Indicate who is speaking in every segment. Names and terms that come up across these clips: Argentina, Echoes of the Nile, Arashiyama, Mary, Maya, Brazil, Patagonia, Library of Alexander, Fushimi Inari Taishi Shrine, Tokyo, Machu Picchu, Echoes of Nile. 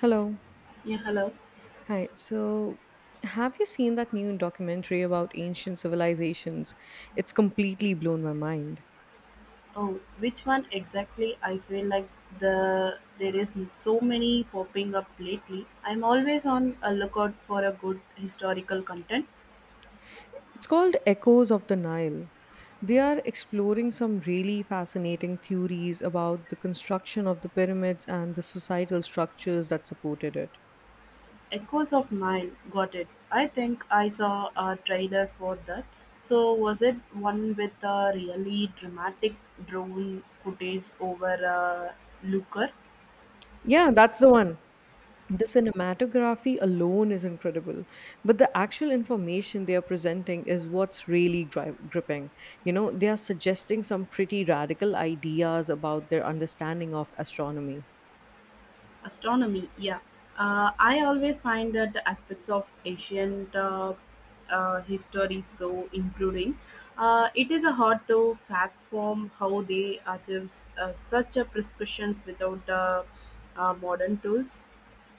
Speaker 1: Hello.
Speaker 2: Yeah, hello.
Speaker 1: Hi. So, have you seen that new documentary about ancient civilizations? It's completely blown my mind.
Speaker 2: Oh, which one exactly? I feel like there is so many popping up lately. I'm always on a lookout for a good historical content.
Speaker 1: It's called Echoes of the Nile. They are exploring some really fascinating theories about the construction of the pyramids and the societal structures that supported it.
Speaker 2: Echoes of Nile, got it. I think I saw a trailer for that. So was it one with a really dramatic drone footage over a looker?
Speaker 1: Yeah, that's the one. The cinematography alone is incredible, but the actual information they are presenting is what's really gripping. You know, they are suggesting some pretty radical ideas about their understanding of astronomy.
Speaker 2: Astronomy, yeah. I always find that the aspects of ancient history so including. It is a hard to fact form how they achieve such a prescriptions without modern tools.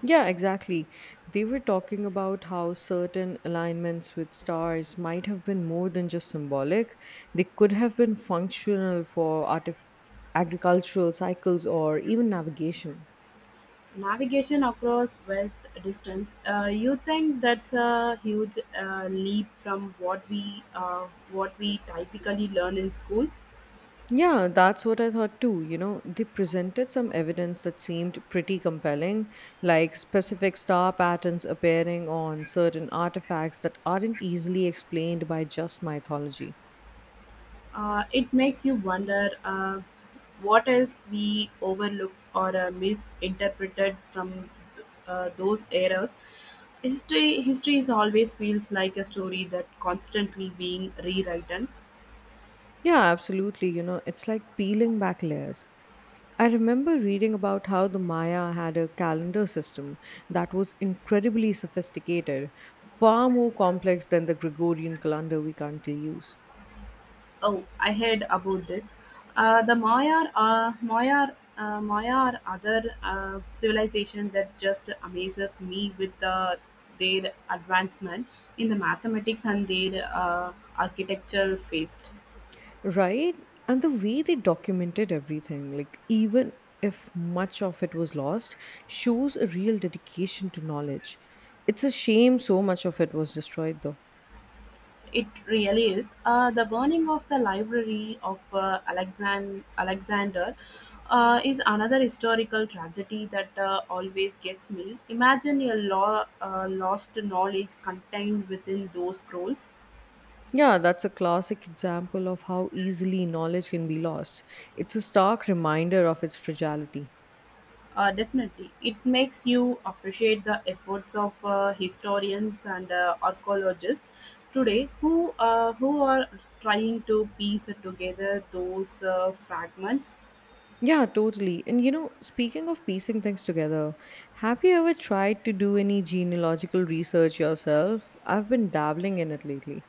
Speaker 1: Yeah, exactly. They were talking about how certain alignments with stars might have been more than just symbolic. They could have been functional for agricultural cycles or even navigation.
Speaker 2: Navigation across vast distance. You think that's a huge leap from what we typically learn in school?
Speaker 1: Yeah, that's what I thought too. You know, they presented some evidence that seemed pretty compelling, like specific star patterns appearing on certain artifacts that aren't easily explained by just mythology.
Speaker 2: It makes you wonder what else we overlooked or misinterpreted from those eras. History is always feels like a story that constantly being rewritten.
Speaker 1: Yeah, absolutely. You know, it's like peeling back layers. I remember reading about how the Maya had a calendar system that was incredibly sophisticated, far more complex than the Gregorian calendar we currently use.
Speaker 2: Oh, I heard about that. The Maya are other civilization that just amazes me with their advancement in the mathematics and their architecture faced.
Speaker 1: Right? And the way they documented everything, like even if much of it was lost, shows a real dedication to knowledge. It's a shame so much of it was destroyed, though.
Speaker 2: It really is. The burning of the library of Alexander is another historical tragedy that always gets me. Imagine a lost knowledge contained within those scrolls.
Speaker 1: Yeah, that's a classic example of how easily knowledge can be lost. It's a stark reminder of its fragility.
Speaker 2: Definitely. It makes you appreciate the efforts of historians and archaeologists today who are trying to piece together those fragments.
Speaker 1: Yeah, totally. And you know, speaking of piecing things together, have you ever tried to do any genealogical research yourself? I've been dabbling in it lately.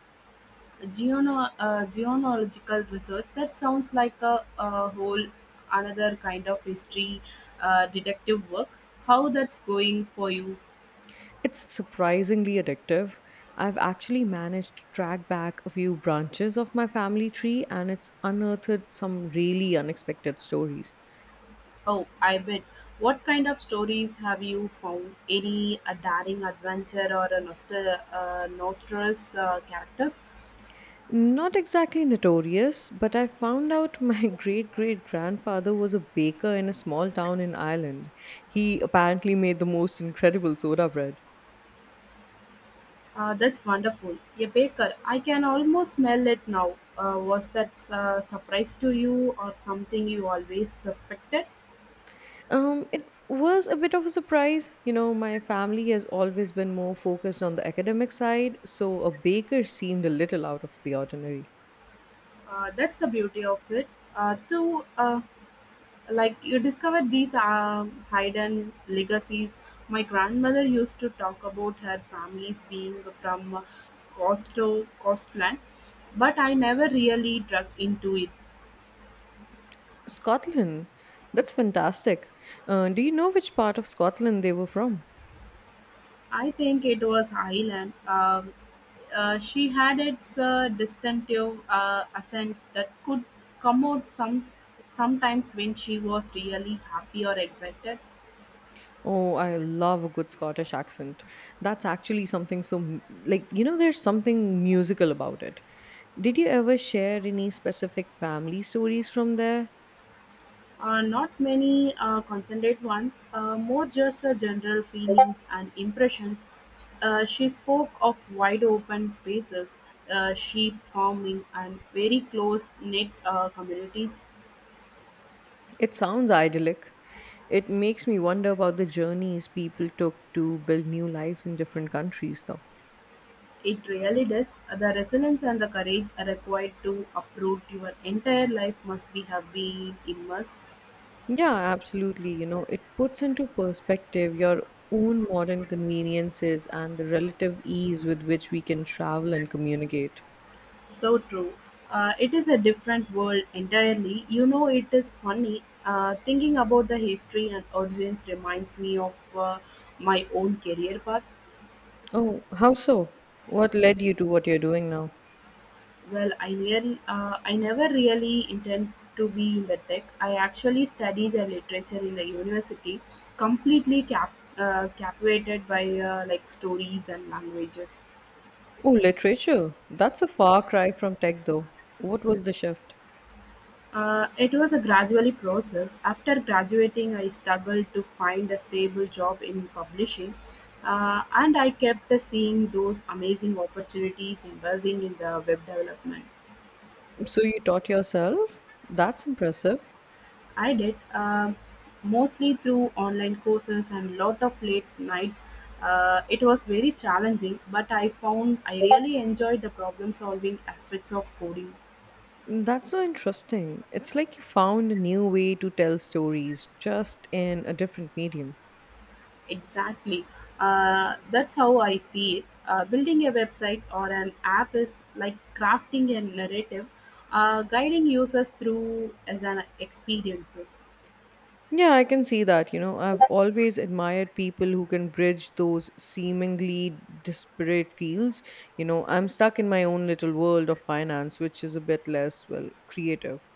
Speaker 2: Genealogical research, that sounds like a whole another kind of history, detective work. How that's going for you?
Speaker 1: It's surprisingly addictive. I've actually managed to track back a few branches of my family tree, and it's unearthed some really unexpected stories.
Speaker 2: Oh, I bet. What kind of stories have you found? Any a daring adventure or a nostrous characters?
Speaker 1: Not exactly notorious, but I found out my great great grandfather was a baker in a small town in Ireland. He apparently made the most incredible soda bread.
Speaker 2: That's wonderful. A baker, I can almost smell it now. Was that surprise to you or something you always suspected?
Speaker 1: It was a bit of a surprise. You know, my family has always been more focused on the academic side, so a baker seemed a little out of the ordinary.
Speaker 2: That's the beauty of it. To Like you discover these hidden legacies. My grandmother used to talk about her family's being from Costo Costland, but I never really dug into it.
Speaker 1: Scotland. That's fantastic. Do you know which part of Scotland they were from?
Speaker 2: I think it was Highland. She had its distinctive accent that could come out sometimes when she was really happy or excited.
Speaker 1: Oh, I love a good Scottish accent. That's actually something so, like, you know, there's something musical about it. Did you ever share any specific family stories from there?
Speaker 2: Not many concentrate ones, more just general feelings and impressions. She spoke of wide-open spaces, sheep farming, and very close-knit communities.
Speaker 1: It sounds idyllic. It makes me wonder about the journeys people took to build new lives in different countries, though.
Speaker 2: It really does. The resilience and the courage are required to uproot your entire life must be have been immense.
Speaker 1: Yeah, absolutely. You know, it puts into perspective your own modern conveniences and the relative ease with which we can travel and communicate.
Speaker 2: So true. It is a different world entirely. You know, it is funny. Thinking about the history and origins reminds me of my own career path.
Speaker 1: Oh, how so? What led you to what you're doing now?
Speaker 2: Well, I never really intend to be in the tech. I actually studied the literature in the university, completely captivated by like stories and languages.
Speaker 1: Oh, literature. That's a far cry from tech, though. What was the shift?
Speaker 2: It was a gradually process. After graduating, I struggled to find a stable job in publishing, and I kept the seeing those amazing opportunities investing in the web development.
Speaker 1: So you taught yourself? That's impressive.
Speaker 2: I did, mostly through online courses and lot of late nights. It was very challenging, but I found I really enjoyed the problem solving aspects of coding.
Speaker 1: That's so interesting. It's like you found a new way to tell stories, just in a different medium.
Speaker 2: Exactly. That's how I see it. Building a website or an app is like crafting a narrative, guiding users through as an experiences.
Speaker 1: Yeah, I can see that. You know, I've always admired people who can bridge those seemingly disparate fields. You know, I'm stuck in my own little world of finance, which is a bit less, well, creative.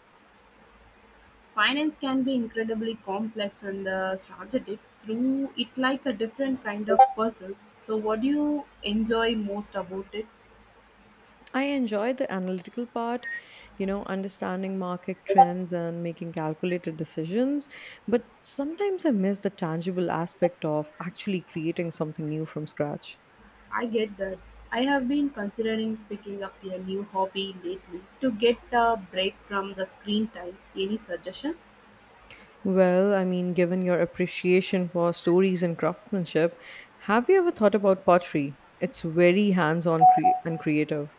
Speaker 2: Finance can be incredibly complex and strategic through it like a different kind of puzzles. So, what do you enjoy most about it?
Speaker 1: I enjoy the analytical part, you know, understanding market trends and making calculated decisions. But sometimes I miss the tangible aspect of actually creating something new from scratch.
Speaker 2: I get that. I have been considering picking up a new hobby lately to get a break from the screen time. Any suggestion?
Speaker 1: Well, I mean, given your appreciation for stories and craftsmanship, have you ever thought about pottery? It's very hands on and creative.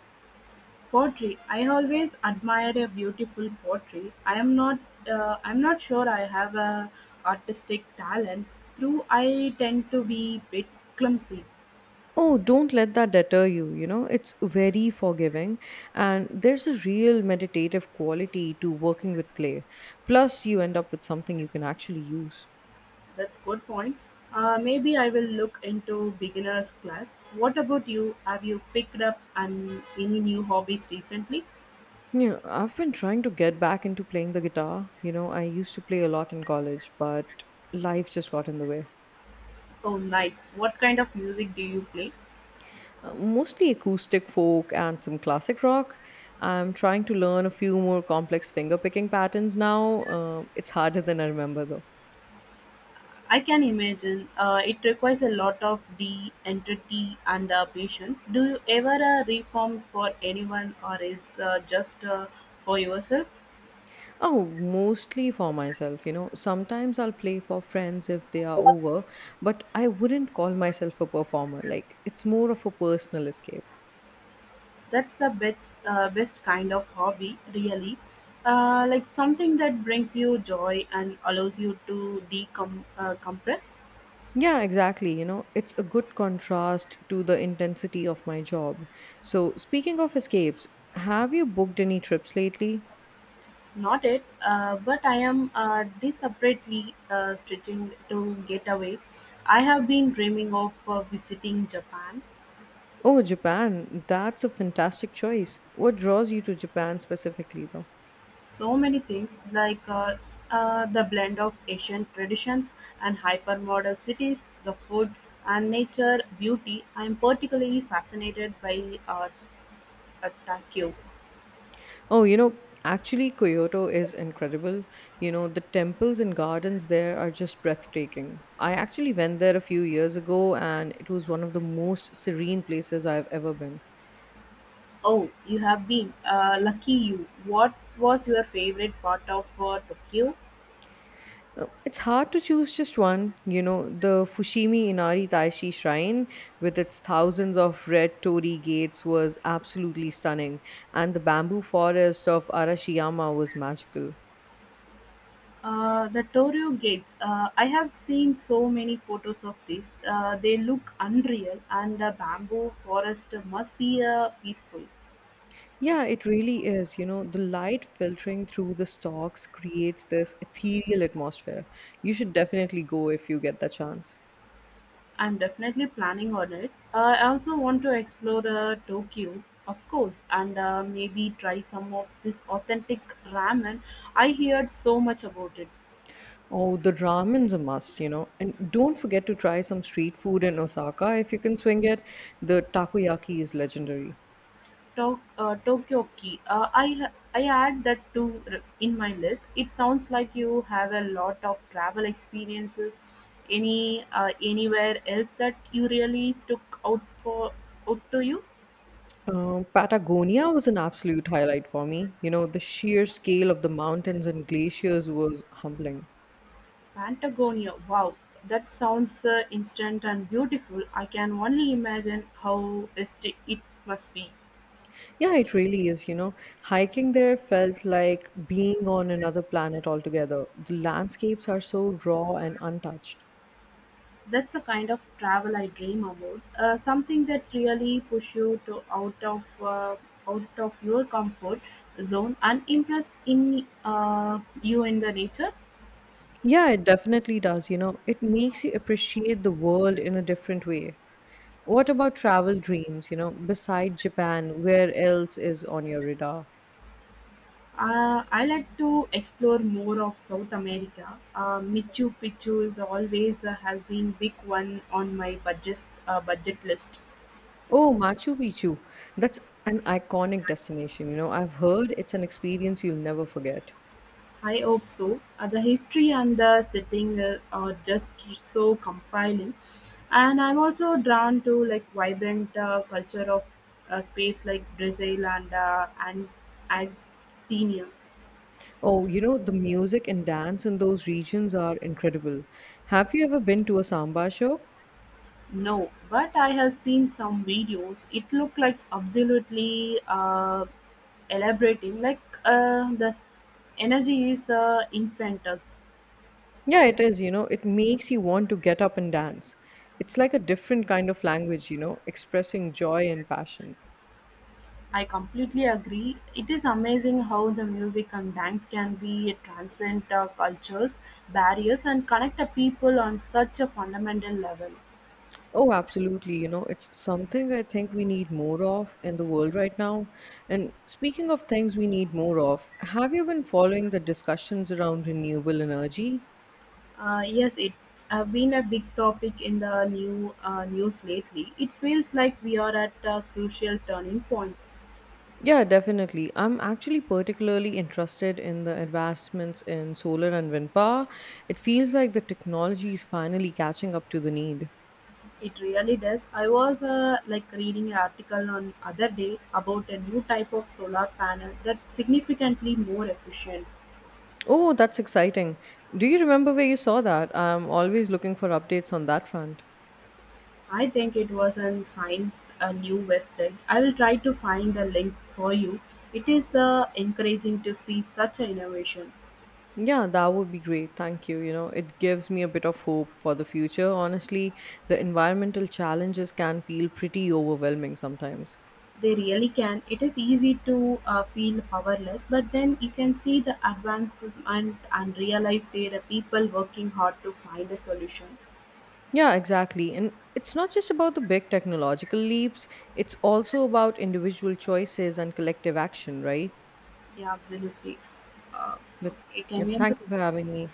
Speaker 2: Pottery. I always admire a beautiful pottery. I am not, I'm not sure I have a artistic talent. Through I tend to be bit clumsy.
Speaker 1: Oh, don't let that deter you. You know, it's very forgiving, and there's a real meditative quality to working with clay. Plus, you end up with something you can actually use.
Speaker 2: That's good point. Maybe I will look into beginners class. What about you? Have you picked up any new hobbies recently?
Speaker 1: Yeah, I've been trying to get back into playing the guitar. You know, I used to play a lot in college, but life just got in the way.
Speaker 2: Oh, nice. What kind of music do you play?
Speaker 1: Mostly acoustic folk and some classic rock. I'm trying to learn a few more complex finger picking patterns now. It's harder than I remember, though.
Speaker 2: I can imagine. It requires a lot of de-entity and patience. Do you ever reform for anyone or is just for yourself?
Speaker 1: Oh, mostly for myself, you know. Sometimes I'll play for friends if they are over, but I wouldn't call myself a performer. Like, it's more of a personal escape.
Speaker 2: That's the best kind of hobby, really. Like something that brings you joy and allows you to decom compress.
Speaker 1: Yeah, exactly. You know, it's a good contrast to the intensity of my job. So, speaking of escapes, have you booked any trips lately?
Speaker 2: Not it, but I am desperately stretching to get away. I have been dreaming of visiting Japan.
Speaker 1: Oh, Japan. That's a fantastic choice. What draws you to Japan specifically, though?
Speaker 2: So many things, like the blend of asian traditions and hypermodern cities, the food and nature beauty. I'm particularly fascinated by tokyo.
Speaker 1: Oh, you know, actually, Kyoto is incredible. You know, the temples and gardens there are just breathtaking. I actually went there a few years ago, and it was one of the most serene places I've ever been.
Speaker 2: Oh, you have been lucky you. What was your favorite part of tokyo?
Speaker 1: It's hard to choose just one. You know, the Fushimi Inari Taishi Shrine, with its thousands of red torii gates, was absolutely stunning, and the bamboo forest of Arashiyama was magical.
Speaker 2: The Tokyo gates. I have seen so many photos of these. They look unreal, and the bamboo forest must be peaceful.
Speaker 1: Yeah, it really is. You know, the light filtering through the stalks creates this ethereal atmosphere. You should definitely go if you get the chance.
Speaker 2: I'm definitely planning on it. I also want to explore Tokyo, of course, and maybe try some of this authentic ramen. I heard so much about it.
Speaker 1: Oh, the ramen's a must, you know. And don't forget to try some street food in Osaka if you can swing it. The takoyaki is legendary.
Speaker 2: Tokyo Ki. I add that to in my list. It sounds like you have a lot of travel experiences. Any, anywhere else that you really stuck out for out to you?
Speaker 1: Patagonia was an absolute highlight for me. You know, the sheer scale of the mountains and glaciers was humbling.
Speaker 2: Patagonia, wow, that sounds instant and beautiful. I can only imagine how it must be.
Speaker 1: Yeah, it really is. You know, hiking there felt like being on another planet altogether. The landscapes are so raw and untouched.
Speaker 2: That's a kind of travel I dream about. Something that really push you to out of your comfort zone and impress in you in the nature.
Speaker 1: Yeah, it definitely does. You know, it makes you appreciate the world in a different way. What about travel dreams? You know, beside Japan, where else is on your radar?
Speaker 2: I like to explore more of South America. Machu Picchu is always has been big one on my budget list.
Speaker 1: Oh, Machu Picchu. That's an iconic destination. You know, I've heard it's an experience you'll never forget.
Speaker 2: I hope so. The history and the setting are just so compelling, and I'm also drawn to like vibrant culture of space like Brazil and Argentina.
Speaker 1: Oh, you know, the music and dance in those regions are incredible. Have you ever been to a samba show?
Speaker 2: No, but I have seen some videos. It look like absolutely elaborating. Like energy is infectious.
Speaker 1: Yeah, it is, you know, it makes you want to get up and dance. It's like a different kind of language, you know, expressing joy and passion.
Speaker 2: I completely agree. It is amazing how the music and dance can be transcend cultures, barriers, and connect the people on such a fundamental level.
Speaker 1: Oh, absolutely. You know, it's something I think we need more of in the world right now. And speaking of things we need more of, have you been following the discussions around renewable energy?
Speaker 2: Yes, it's been a big topic in the news lately. It feels like we are at a crucial turning point.
Speaker 1: Yeah, definitely. I'm actually particularly interested in the advancements in solar and wind power. It feels like the technology is finally catching up to the need.
Speaker 2: It really does. I was like reading an article on other day about a new type of solar panel that's significantly more efficient.
Speaker 1: Oh, that's exciting. Do you remember where you saw that? I'm always looking for updates on that front.
Speaker 2: I think it was on Science a new website. I will try to find the link for you. It is encouraging to see such an innovation.
Speaker 1: Yeah, that would be great. Thank you. You know, it gives me a bit of hope for the future. Honestly, the environmental challenges can feel pretty overwhelming sometimes.
Speaker 2: They really can. It is easy to feel powerless, but then you can see the advancement and realize there are people working hard to find a solution.
Speaker 1: Yeah, exactly. And it's not just about the big technological leaps, it's also about individual choices and collective action, right?
Speaker 2: Yeah, absolutely. Uh,
Speaker 1: But
Speaker 2: okay,
Speaker 1: yeah,
Speaker 2: can we? Have a-
Speaker 1: thank you for having me.